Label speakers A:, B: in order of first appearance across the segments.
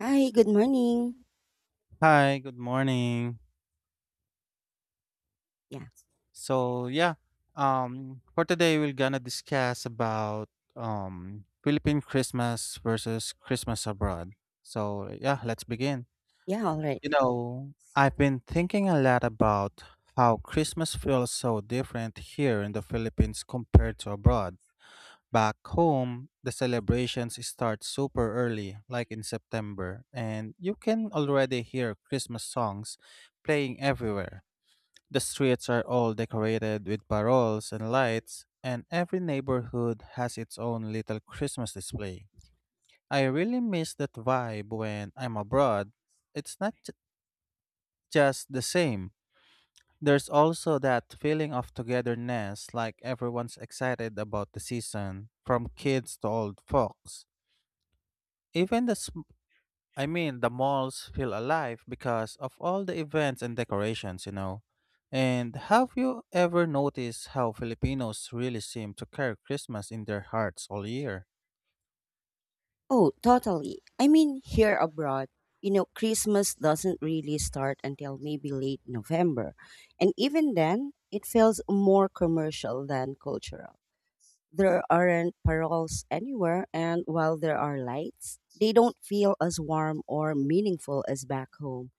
A: Hi, good morning.
B: Hi, good morning.
A: Yeah,
B: So yeah, for today we're gonna discuss about Philippine Christmas versus Christmas abroad. So yeah, let's begin.
A: yeah, all right.
B: You know, I've been thinking a lot about how Christmas feels so different here in the Philippines compared to abroad. Back home, the celebrations start super early, like in September, and you can already hear Christmas songs playing everywhere. The streets are all decorated with paroles and lights, and every neighborhood has its own little Christmas display. I really miss that vibe when I'm abroad. It's not j- just the same. There's also that feeling of togetherness, like everyone's excited about the season, from kids to old folks. Even the I mean, the malls feel alive because of all the events and decorations, you know. And have you ever noticed how Filipinos really seem to carry Christmas in their hearts all year?
A: Oh, totally. Here abroad, you know, Christmas doesn't really start until maybe late November. And even then, it feels more commercial than cultural. There aren't paroles anywhere, and while there are lights, they don't feel as warm or meaningful as back home.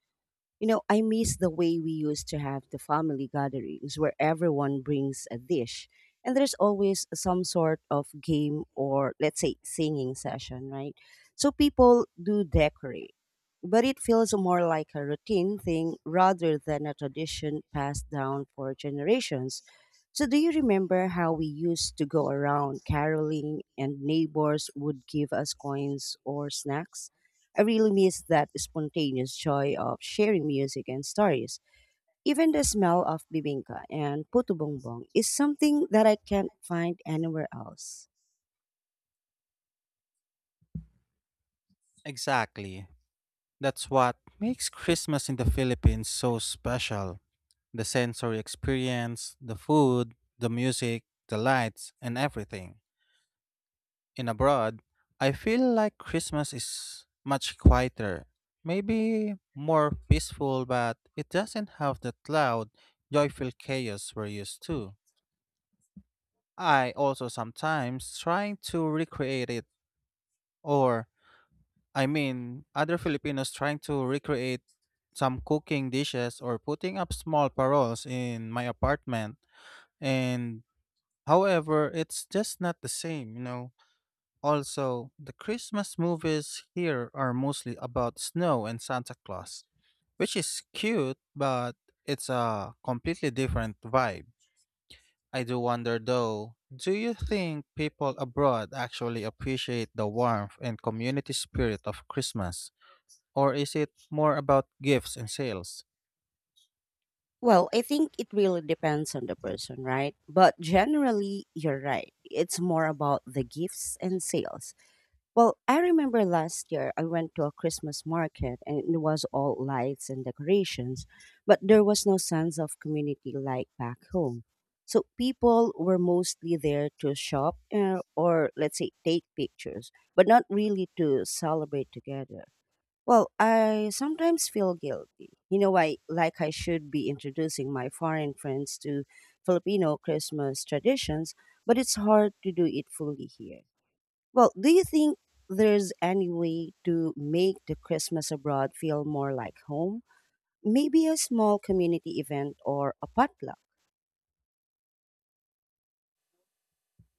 A: You know, I miss the way we used to have the family gatherings where everyone brings a dish and there's always some sort of game or, let's say, singing session, right? So people do decorate, but it feels more like a routine thing rather than a tradition passed down for generations. So, do you remember how we used to go around caroling and neighbors would give us coins or snacks? I really miss that spontaneous joy of sharing music and stories. Even the smell of bibingka and puto bongbong is something that I can't find anywhere else.
B: Exactly. That's what makes Christmas in the Philippines so special. The sensory experience, the food, the music, the lights, and everything. In abroad, I feel like Christmas is much quieter, maybe more peaceful, but it doesn't have that loud, joyful chaos we're used to. I also sometimes trying to recreate it, or I mean, other Filipinos trying to recreate some cooking dishes or putting up small paroles in my apartment. And However, it's just not the same, you know. Also, the Christmas movies here are mostly about snow and Santa Claus, which is cute, but it's a completely different vibe. I do wonder though, do you think people abroad actually appreciate the warmth and community spirit of Christmas? Or is it more about gifts and sales?
A: Well, I think it really depends on the person, right? But generally, you're right. It's more about the gifts and sales. Well, I remember last year I went to a Christmas market and it was all lights and decorations, but there was no sense of community like back home. So people were mostly there to shop or, let's say, take pictures, but not really to celebrate together. Well, I sometimes feel guilty. You know, I like I should be introducing my foreign friends to Filipino Christmas traditions, but it's hard to do it fully here. Well, do you think there's any way to make the Christmas abroad feel more like home? Maybe a small community event or a potluck?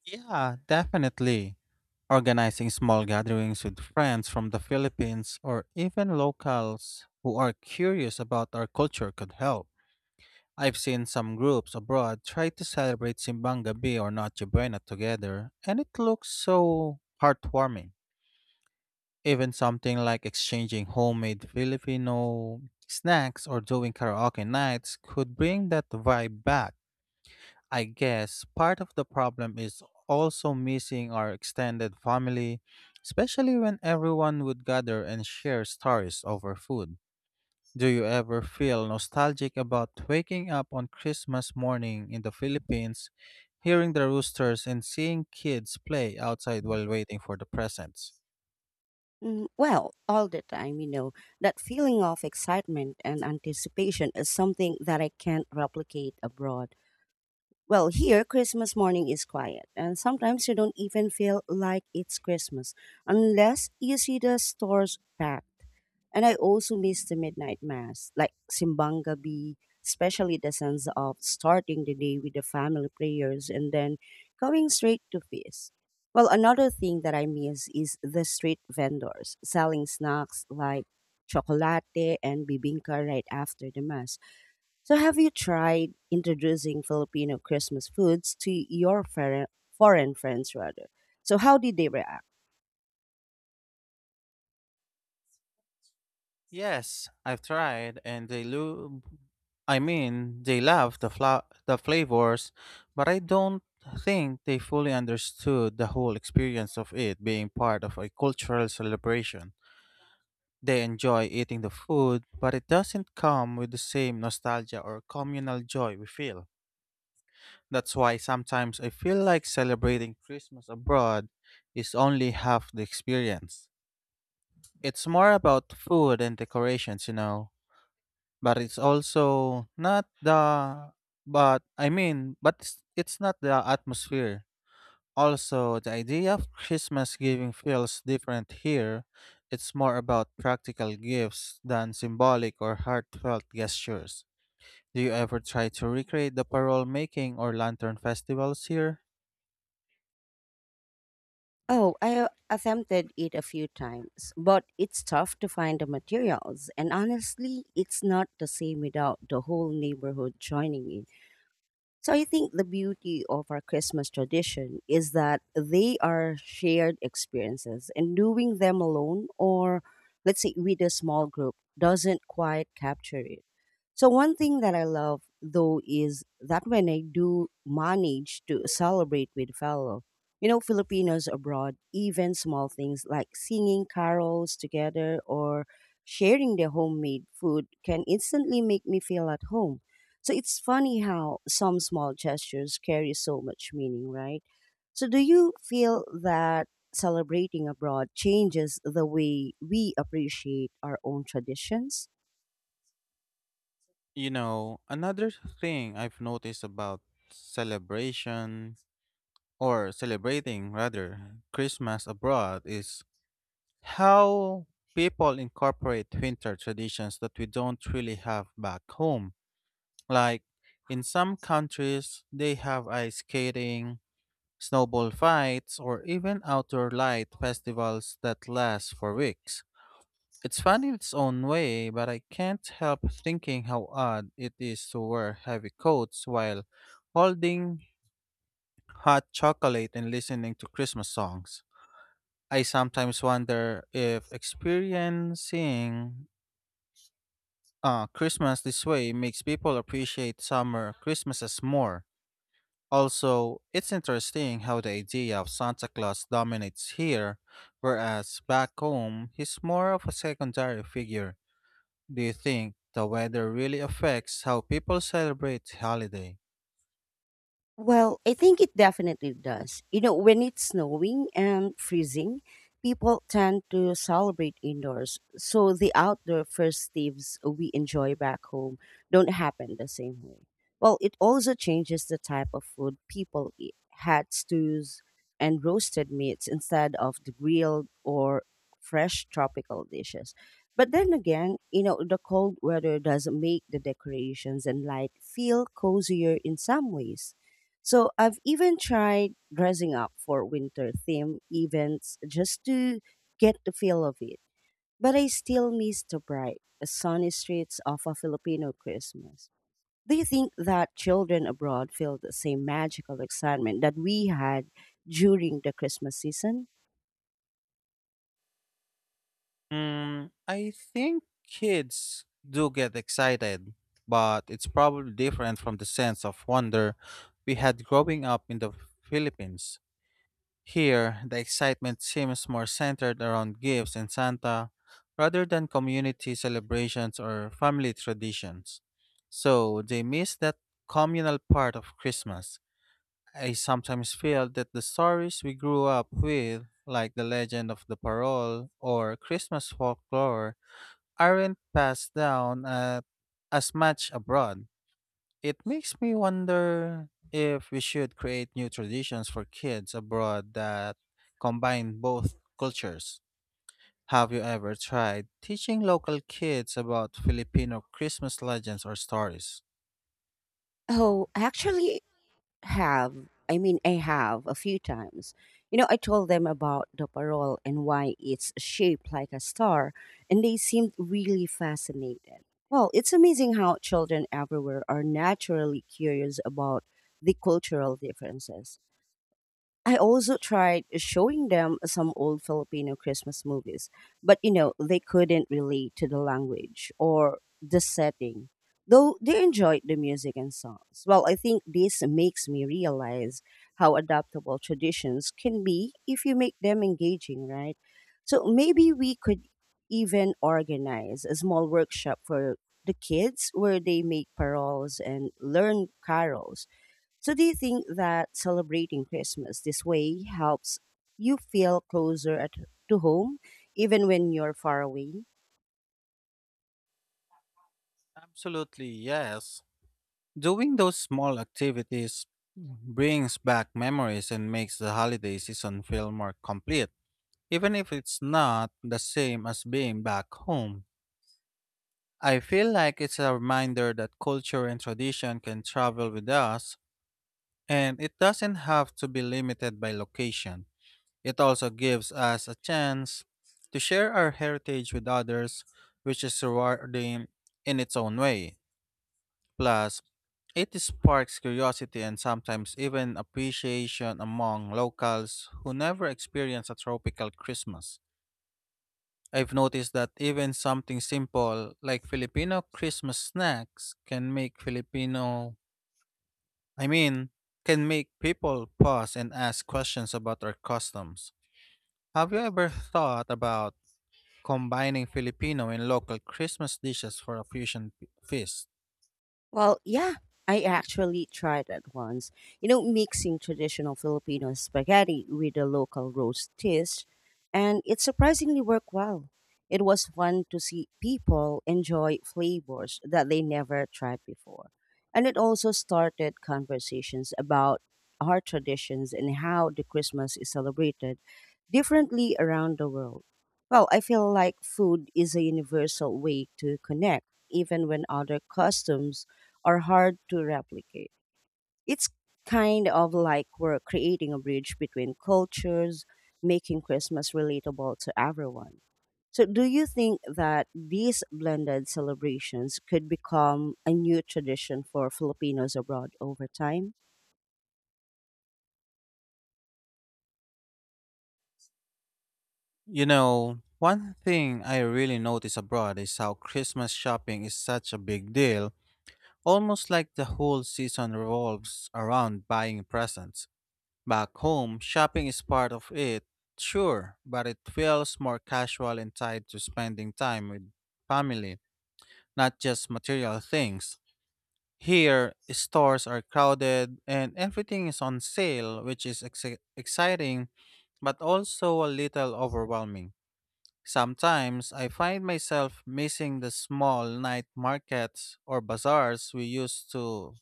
B: Yeah, definitely. Organizing small gatherings with friends from the Philippines or even locals who are curious about our culture could help. I've seen some groups abroad try to celebrate Simbang Gabi or Noche Buena together, and it looks so heartwarming. Even something like exchanging homemade Filipino snacks or doing karaoke nights could bring that vibe back. I guess part of the problem is also missing our extended family, especially when everyone would gather and share stories over food. Do you ever feel nostalgic about waking up on Christmas morning in the Philippines, hearing the roosters, and seeing kids play outside while waiting for the presents?
A: Mm, well, all the time, you know, that feeling of excitement and anticipation is something that I can't replicate abroad. Well, here, Christmas morning is quiet, and sometimes you don't even feel like it's Christmas unless you see the stores packed. And I also miss the midnight mass, like Simbang Gabi, especially the sense of starting the day with the family prayers and then going straight to feast. Well, another thing that I miss is the street vendors selling snacks like chocolate and bibingka right after the mass. So, have you tried introducing Filipino Christmas foods to your foreign friends, rather? So, how did they react?
B: Yes, I've tried, and they look I mean, they loved the flavors, but I don't think they fully understood the whole experience of it being part of a cultural celebration. They enjoy eating the food, but it doesn't come with the same nostalgia or communal joy we feel. That's why sometimes I feel like celebrating Christmas abroad is only half the experience. It's more about food and decorations, you know. But it's also not the but I mean, but it's not the atmosphere. Also, the idea of Christmas giving feels different here. It's more about practical gifts than symbolic or heartfelt gestures. Do you ever try to recreate the parole making or lantern festivals here?
A: Oh, I attempted it a few times, but it's tough to find the materials. And honestly, it's not the same without the whole neighborhood joining in. So I think the beauty of our Christmas tradition is that they are shared experiences and doing them alone or let's say with a small group doesn't quite capture it. So one thing that I love though is that when I do manage to celebrate with fellow, you know, Filipinos abroad, even small things like singing carols together or sharing their homemade food can instantly make me feel at home. So it's funny how some small gestures carry so much meaning, right? So do you feel that celebrating abroad changes the way we appreciate our own traditions?
B: You know, another thing I've noticed about celebration or celebrating rather Christmas abroad is how people incorporate winter traditions that we don't really have back home. Like in some countries, they have ice skating, snowball fights, or even outdoor light festivals that last for weeks. It's fun in its own way, but I can't help thinking how odd it is to wear heavy coats while holding hot chocolate and listening to Christmas songs. I sometimes wonder if experiencing Christmas this way makes people appreciate summer Christmases more. Also, it's interesting how the idea of Santa Claus dominates here, whereas back home, he's more of a secondary figure. Do you think the weather really affects how people celebrate the holiday?
A: Well, I think it definitely does. You know, when it's snowing and freezing, people tend to celebrate indoors. So the outdoor festivities we enjoy back home don't happen the same way. Well, it also changes the type of food people eat. Had stews and roasted meats instead of the grilled or fresh tropical dishes. But then again, you know, the cold weather does make the decorations and light feel cozier in some ways. So I've even tried dressing up for winter theme events just to get the feel of it. But I still miss the bright, sunny streets of a Filipino Christmas. Do you think that children abroad feel the same magical excitement that we had during the Christmas season?
B: I think kids do get excited, but it's probably different from the sense of wonder we had growing up in the Philippines. Here, the excitement seems more centered around gifts and Santa rather than community celebrations or family traditions. So they miss that communal part of Christmas. I sometimes feel that the stories we grew up with, like the legend of the parole or Christmas folklore, aren't passed down as much abroad. It makes me wonder if we should create new traditions for kids abroad that combine both cultures. Have you ever tried teaching local kids about Filipino Christmas legends or stories?
A: Oh, actually, have. I have a few times. You know, I told them about the parole and why it's shaped like a star, and they seemed really fascinated. Well, it's amazing how children everywhere are naturally curious about the cultural differences. I also tried showing them some old Filipino Christmas movies, but you know, they couldn't relate to the language or the setting, though they enjoyed the music and songs. Well, I think this makes me realize how adaptable traditions can be if you make them engaging, right? So maybe we could even organize a small workshop for the kids where they make paroles and learn carols. So, do you think that celebrating Christmas this way helps you feel closer at, to home, even when you're far away?
B: Absolutely, yes. Doing those small activities brings back memories and makes the holiday season feel more complete, even if it's not the same as being back home. I feel like it's a reminder that culture and tradition can travel with us, and it doesn't have to be limited by location. It also gives us a chance to share our heritage with others, which is rewarding in its own way. Plus, it sparks curiosity and sometimes even appreciation among locals who never experience a tropical Christmas. I've noticed that even something simple like Filipino Christmas snacks can I mean, can make people pause and ask questions about our customs. Have you ever thought about combining Filipino and local Christmas dishes for a feast?
A: Well, yeah, I actually tried it once. You know, mixing traditional Filipino spaghetti with a local roast dish, and it surprisingly worked well. It was fun to see people enjoy flavors that they never tried before. And it also started conversations about our traditions and how the Christmas is celebrated differently around the world. Well, I feel like food is a universal way to connect, even when other customs are hard to replicate. It's kind of like we're creating a bridge between cultures, making Christmas relatable to everyone. So, do you think that these blended celebrations could become a new tradition for Filipinos abroad over time?
B: You know, one thing I really notice abroad is how Christmas shopping is such a big deal, almost like the whole season revolves around buying presents. Back home, shopping is part of it, sure, but it feels more casual and tied to spending time with family, not just material things. Here, stores are crowded and everything is on sale, which is exciting but also a little overwhelming. Sometimes I find myself missing the small night markets or bazaars we used to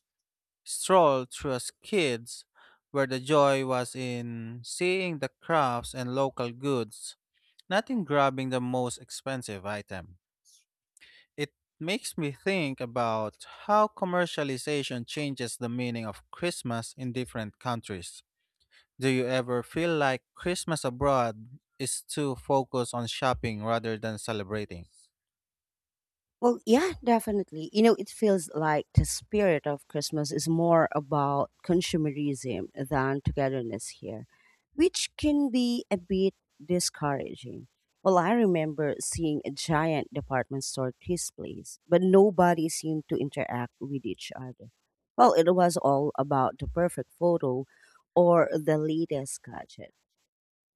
B: stroll through a skids where the joy was in seeing the crafts and local goods, not in grabbing the most expensive item. It makes me think about how commercialization changes the meaning of Christmas in different countries. Do you ever feel like Christmas abroad is too focused on shopping rather than celebrating?
A: Well, yeah, definitely. You know, it feels like the spirit of Christmas is more about consumerism than togetherness here, which can be a bit discouraging. Well, I remember seeing a giant department store displays, but nobody seemed to interact with each other. Well, it was all about the perfect photo or the latest gadget.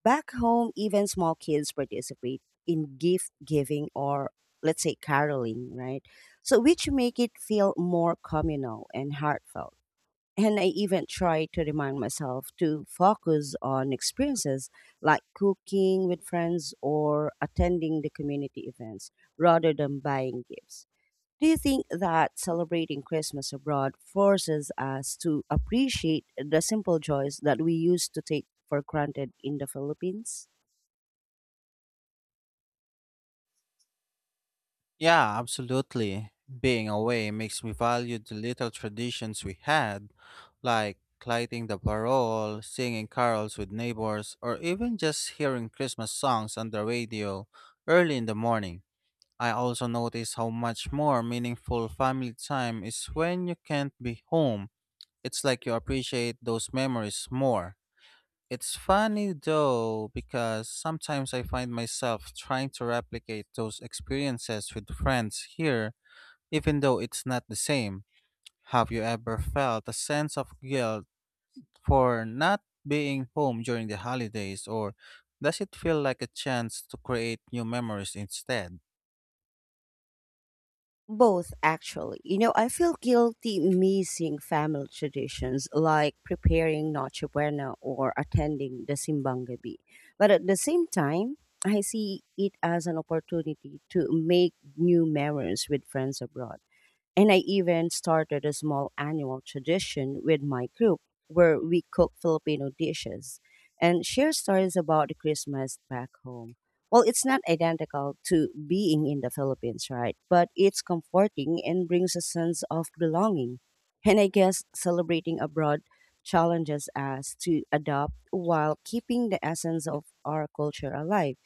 A: Back home, even small kids participate in gift giving or let's say caroling, right? So which make it feel more communal and heartfelt. And I even try to remind myself to focus on experiences like cooking with friends or attending the community events rather than buying gifts. Do you think that celebrating Christmas abroad forces us to appreciate the simple joys that we used to take for granted in the Philippines?
B: Yeah, absolutely. Being away makes me value the little traditions we had, like lighting the parole, singing carols with neighbors, or even just hearing Christmas songs on the radio early in the morning. I also notice how much more meaningful family time is when you can't be home. It's like you appreciate those memories more. It's funny though, because sometimes I find myself trying to replicate those experiences with friends here, even though it's not the same. Have you ever felt a sense of guilt for not being home during the holidays, or does it feel like a chance to create new memories instead?
A: Both, actually. You know, I feel guilty missing family traditions like preparing Noche Buena or attending the Simbang Gabi. But at the same time, I see it as an opportunity to make new memories with friends abroad. And I even started a small annual tradition with my group where we cook Filipino dishes and share stories about the Christmas back home. Well, it's not identical to being in the Philippines, right? But it's comforting and brings a sense of belonging. And I guess celebrating abroad challenges us to adapt while keeping the essence of our culture alive.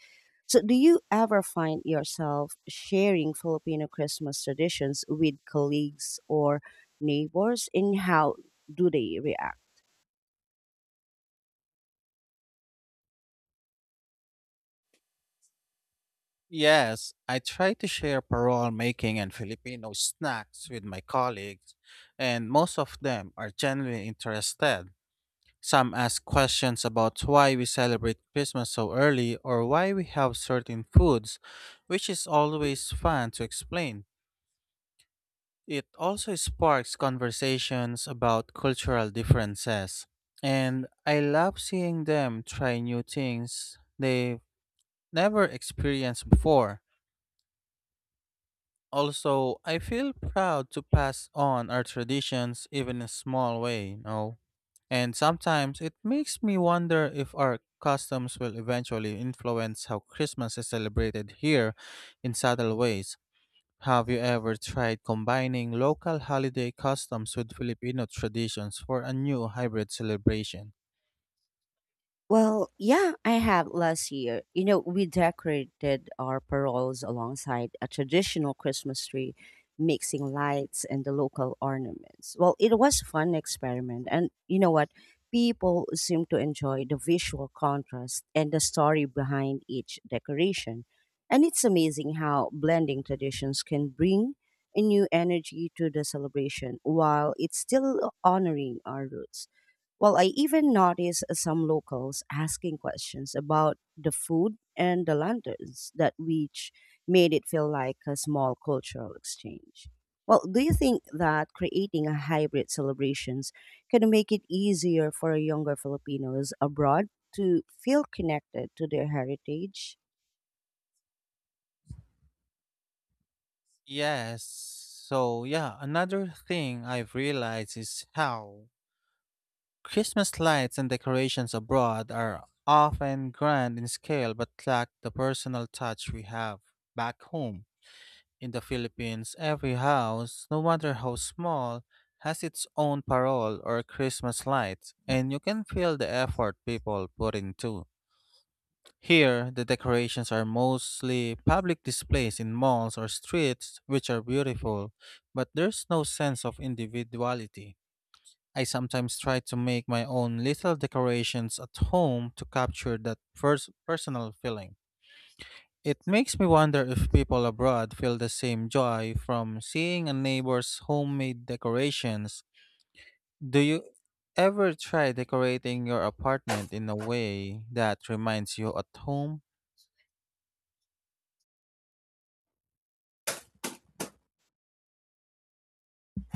A: So, do you ever find yourself sharing Filipino Christmas traditions with colleagues or neighbors, and how do they react?
B: Yes, I try to share parole making and Filipino snacks with my colleagues, and most of them are genuinely interested. Some ask questions about why we celebrate Christmas so early or why we have certain foods, which is always fun to explain. It also sparks conversations about cultural differences, and I love seeing them try new things they've never experienced before. Also, I feel proud to pass on our traditions even in a small way, you know. And sometimes it makes me wonder if our customs will eventually influence how Christmas is celebrated here in subtle ways. Have you ever tried combining local holiday customs with Filipino traditions for a new hybrid celebration?
A: Well, yeah, I have last year. You know, we decorated our paroles alongside a traditional Christmas tree, mixing lights and the local ornaments. Well, it was a fun experiment. And you know what? People seem to enjoy the visual contrast and the story behind each decoration. And it's amazing how blending traditions can bring a new energy to the celebration while it's still honoring our roots. Well, I even noticed some locals asking questions about the food and the lanterns that which made it feel like a small cultural exchange. Well, do you think that creating a hybrid celebrations can make it easier for younger Filipinos abroad to feel connected to their heritage?
B: Yes. So, yeah, another thing I've realized is how Christmas lights and decorations abroad are often grand in scale but lack the personal touch we have back home. In the Philippines, every house, no matter how small, has its own parol or Christmas lights, and you can feel the effort people put into. Here, the decorations are mostly public displays in malls or streets, which are beautiful, but there's no sense of individuality. I sometimes try to make my own little decorations at home to capture that first personal feeling. It makes me wonder if people abroad feel the same joy from seeing a neighbor's homemade decorations. Do you ever try decorating your apartment in a way that reminds you at home?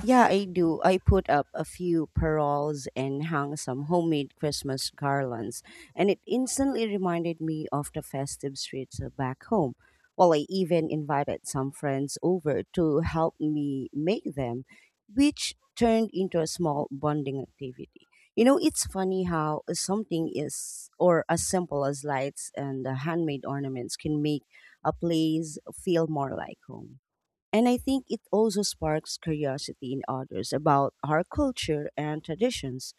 A: Yeah, I do. I put up a few paroles and hung some homemade Christmas garlands, and it instantly reminded me of the festive streets back home. Well, I even invited some friends over to help me make them, which turned into a small bonding activity. You know, it's funny how something is, or as simple as lights and handmade ornaments, can make a place feel more like home. And I think it also sparks curiosity in others about our culture and traditions.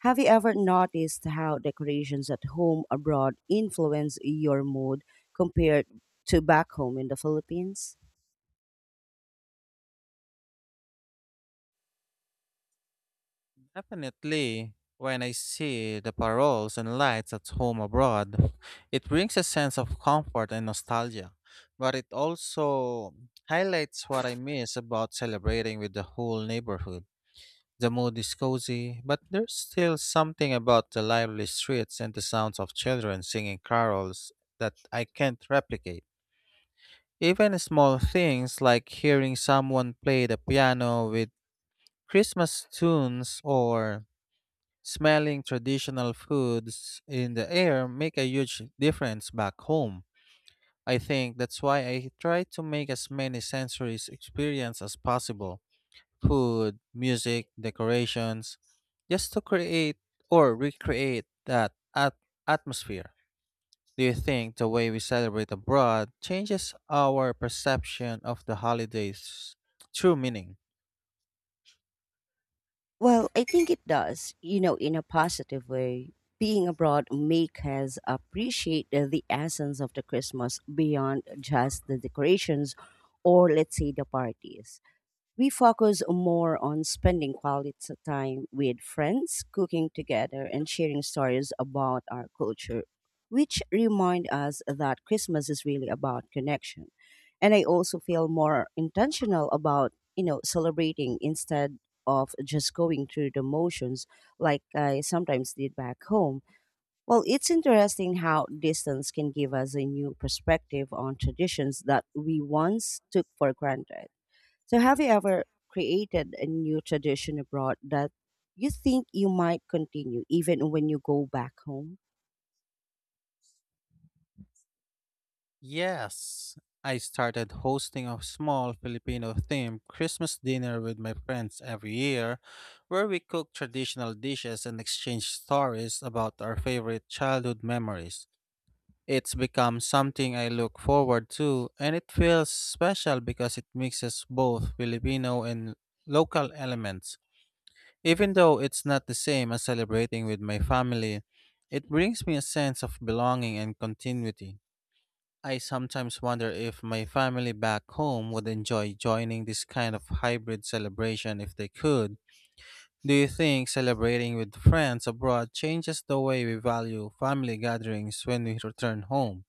A: Have you ever noticed how decorations at home abroad influence your mood compared to back home in the Philippines?
B: Definitely. When I see the paroles and lights at home abroad, it brings a sense of comfort and nostalgia. But it also highlights what I miss about celebrating with the whole neighborhood. The mood is cozy, but there's still something about the lively streets and the sounds of children singing carols that I can't replicate. Even small things like hearing someone play the piano with Christmas tunes or smelling traditional foods in the air make a huge difference back home. I think that's why I try to make as many sensory experience as possible. Food, music, decorations, just to create or recreate that atmosphere. Do you think the way we celebrate abroad changes our perception of the holidays' true meaning?
A: Well, I think it does, you know, in a positive way. Being abroad makes us appreciate the essence of the Christmas beyond just the decorations or let's say the parties. We focus more on spending quality time with friends, cooking together, and sharing stories about our culture, which remind us that Christmas is really about connection. And I also feel more intentional about, you know, celebrating instead of just going through the motions like I sometimes did back home. Well, it's interesting how distance can give us a new perspective on traditions that we once took for granted. So, have you ever created a new tradition abroad that you think you might continue even when you go back home?
B: Yes, I started hosting a small Filipino themed Christmas dinner with my friends every year, where we cook traditional dishes and exchange stories about our favorite childhood memories. It's become something I look forward to, and it feels special because it mixes both Filipino and local elements. Even though it's not the same as celebrating with my family, it brings me a sense of belonging and continuity. I sometimes wonder if my family back home would enjoy joining this kind of hybrid celebration if they could. Do you think celebrating with friends abroad changes the way we value family gatherings when we return home?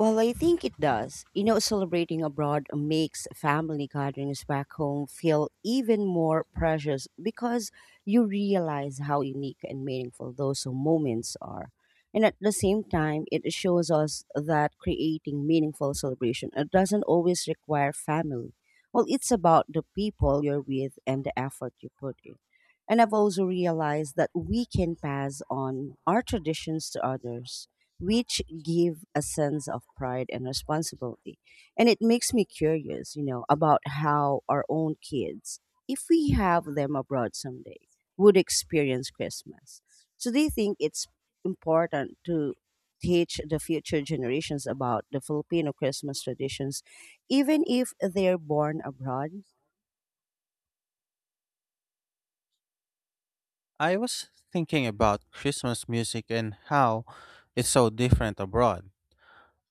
A: Well, I think it does. You know, celebrating abroad makes family gatherings back home feel even more precious because you realize how unique and meaningful those moments are. And at the same time, it shows us that creating meaningful celebration doesn't always require family. Well, it's about the people you're with and the effort you put in. And I've also realized that we can pass on our traditions to others which give a sense of pride and responsibility. And it makes me curious, you know, about how our own kids, if we have them abroad someday, would experience Christmas. So do you think it's important to teach the future generations about the Filipino Christmas traditions, even if they're born abroad?
B: I was thinking about Christmas music and how it's so different abroad.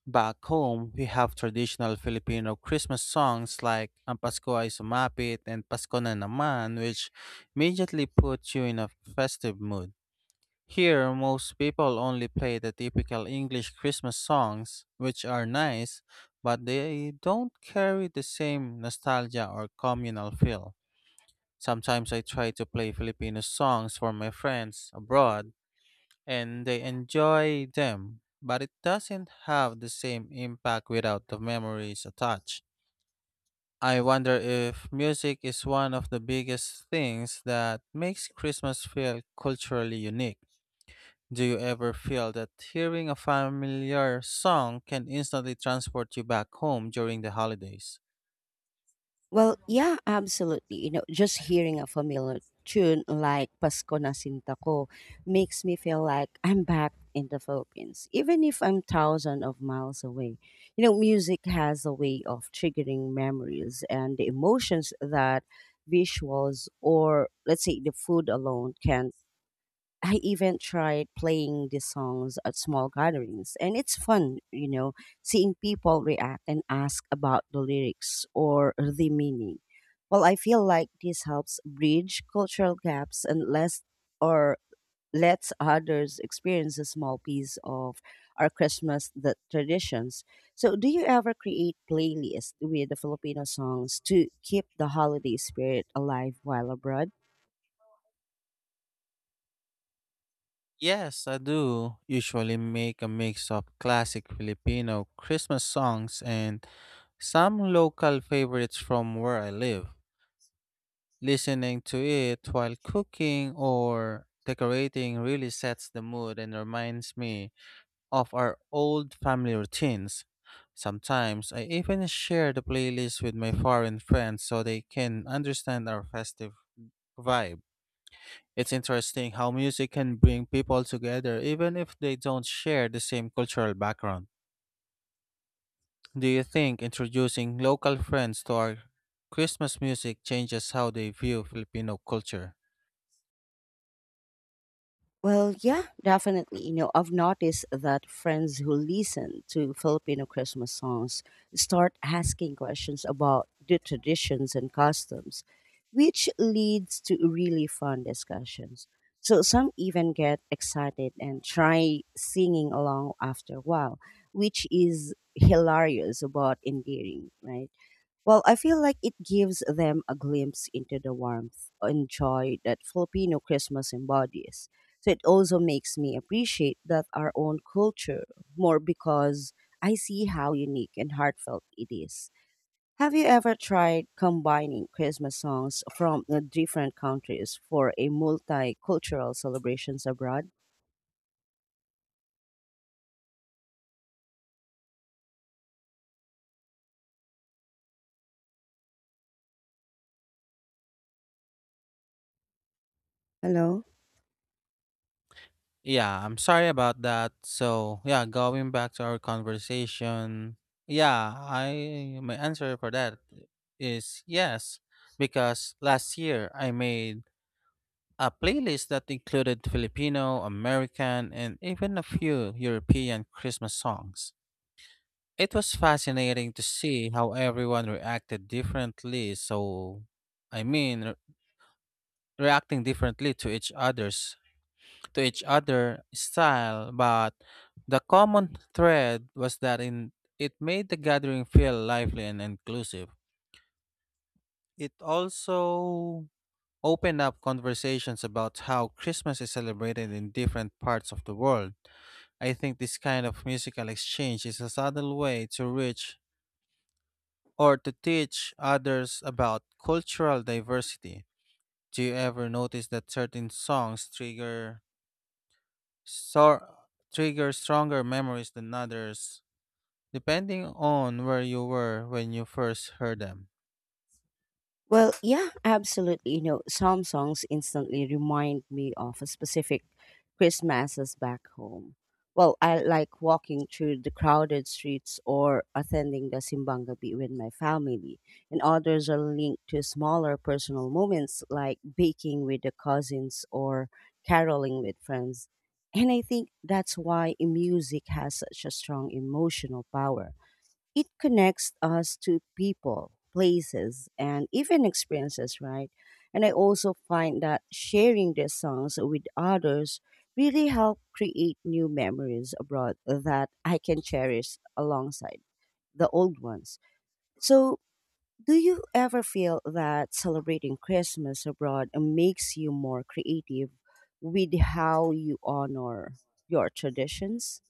B: Back home, we have traditional Filipino Christmas songs like Ang Pasko ay Sumapit and Pasko na Naman, which immediately puts you in a festive mood. Here, most people only play the typical English Christmas songs, which are nice, but they don't carry the same nostalgia or communal feel. Sometimes I try to play Filipino songs for my friends abroad, and they enjoy them, but it doesn't have the same impact without the memories attached. I wonder if music is one of the biggest things that makes Christmas feel culturally unique. Do you ever feel that hearing a familiar song can instantly transport you back home during the holidays?
A: Well, yeah, absolutely. You know, just hearing a familiar tune like Pasko na Sinta Ko makes me feel like I'm back in the Philippines, even if I'm thousands of miles away. You know, music has a way of triggering memories and the emotions that visuals or let's say the food alone can I even tried playing these songs at small gatherings, and it's fun, you know, seeing people react and ask about the lyrics or the meaning. Well, I feel like this helps bridge cultural gaps and less or lets others experience a small piece of our Christmas the traditions. So, do you ever create playlists with the Filipino songs to keep the holiday spirit alive while abroad?
B: Yes, I do. Usually make a mix of classic Filipino Christmas songs and some local favorites from where I live. Listening to it while cooking or decorating really sets the mood and reminds me of our old family routines. Sometimes I even share the playlist with my foreign friends so they can understand our festive vibe. It's interesting how music can bring people together even if they don't share the same cultural background. Do you think introducing local friends to our Christmas music changes how they view Filipino culture?
A: Well, yeah, definitely. You know, I've noticed that friends who listen to Filipino Christmas songs start asking questions about the traditions and customs, which leads to really fun discussions. So some even get excited and try singing along after a while, which is hilarious but endearing, right? Well, I feel like it gives them a glimpse into the warmth and joy that Filipino Christmas embodies. So it also makes me appreciate that our own culture more because I see how unique and heartfelt it is. Have you ever tried combining Christmas songs from different countries for a multicultural celebrations abroad? Hello?
B: Yeah, I'm sorry about that. So, yeah, going back to our conversation, yeah, I my answer for that is yes, because last year I made a playlist that included Filipino, American, and even a few European Christmas songs. It was fascinating to see how everyone reacted differently. So, I mean, reacting differently to each other's to each other style, but the common thread was it made the gathering feel lively and inclusive. It also opened up conversations about how Christmas is celebrated in different parts of the world. I think this kind of musical exchange is a subtle way to reach or to teach others about cultural diversity. Do you ever notice that certain songs sor- trigger stronger memories than others depending on where you were when you first heard them?
A: Well, yeah, absolutely. You know, some songs instantly remind me of a specific Christmases back home. Well, I like walking through the crowded streets or attending the simbang Gabi with my family. And others are linked to smaller personal moments like baking with the cousins or caroling with friends. And I think that's why music has such a strong emotional power it connects us to people, places, and even experiences, right? And I also find that sharing these songs with others really help create new memories abroad that I can cherish alongside the old ones. So, do you ever feel that celebrating Christmas abroad makes you more creative with how you honor your traditions?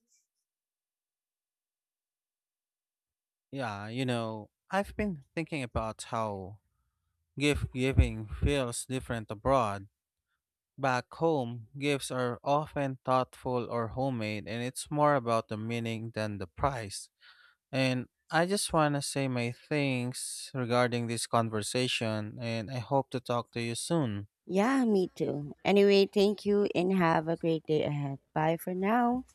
B: Yeah, you know, I've been thinking about how gift giving feels different abroad. Back home, gifts are often thoughtful or homemade, and it's more about the meaning than the price. And I just want to say my thanks regarding this conversation, and I hope to talk to you soon.
A: Yeah, me too. Anyway, thank you and have a great day ahead. Bye for now.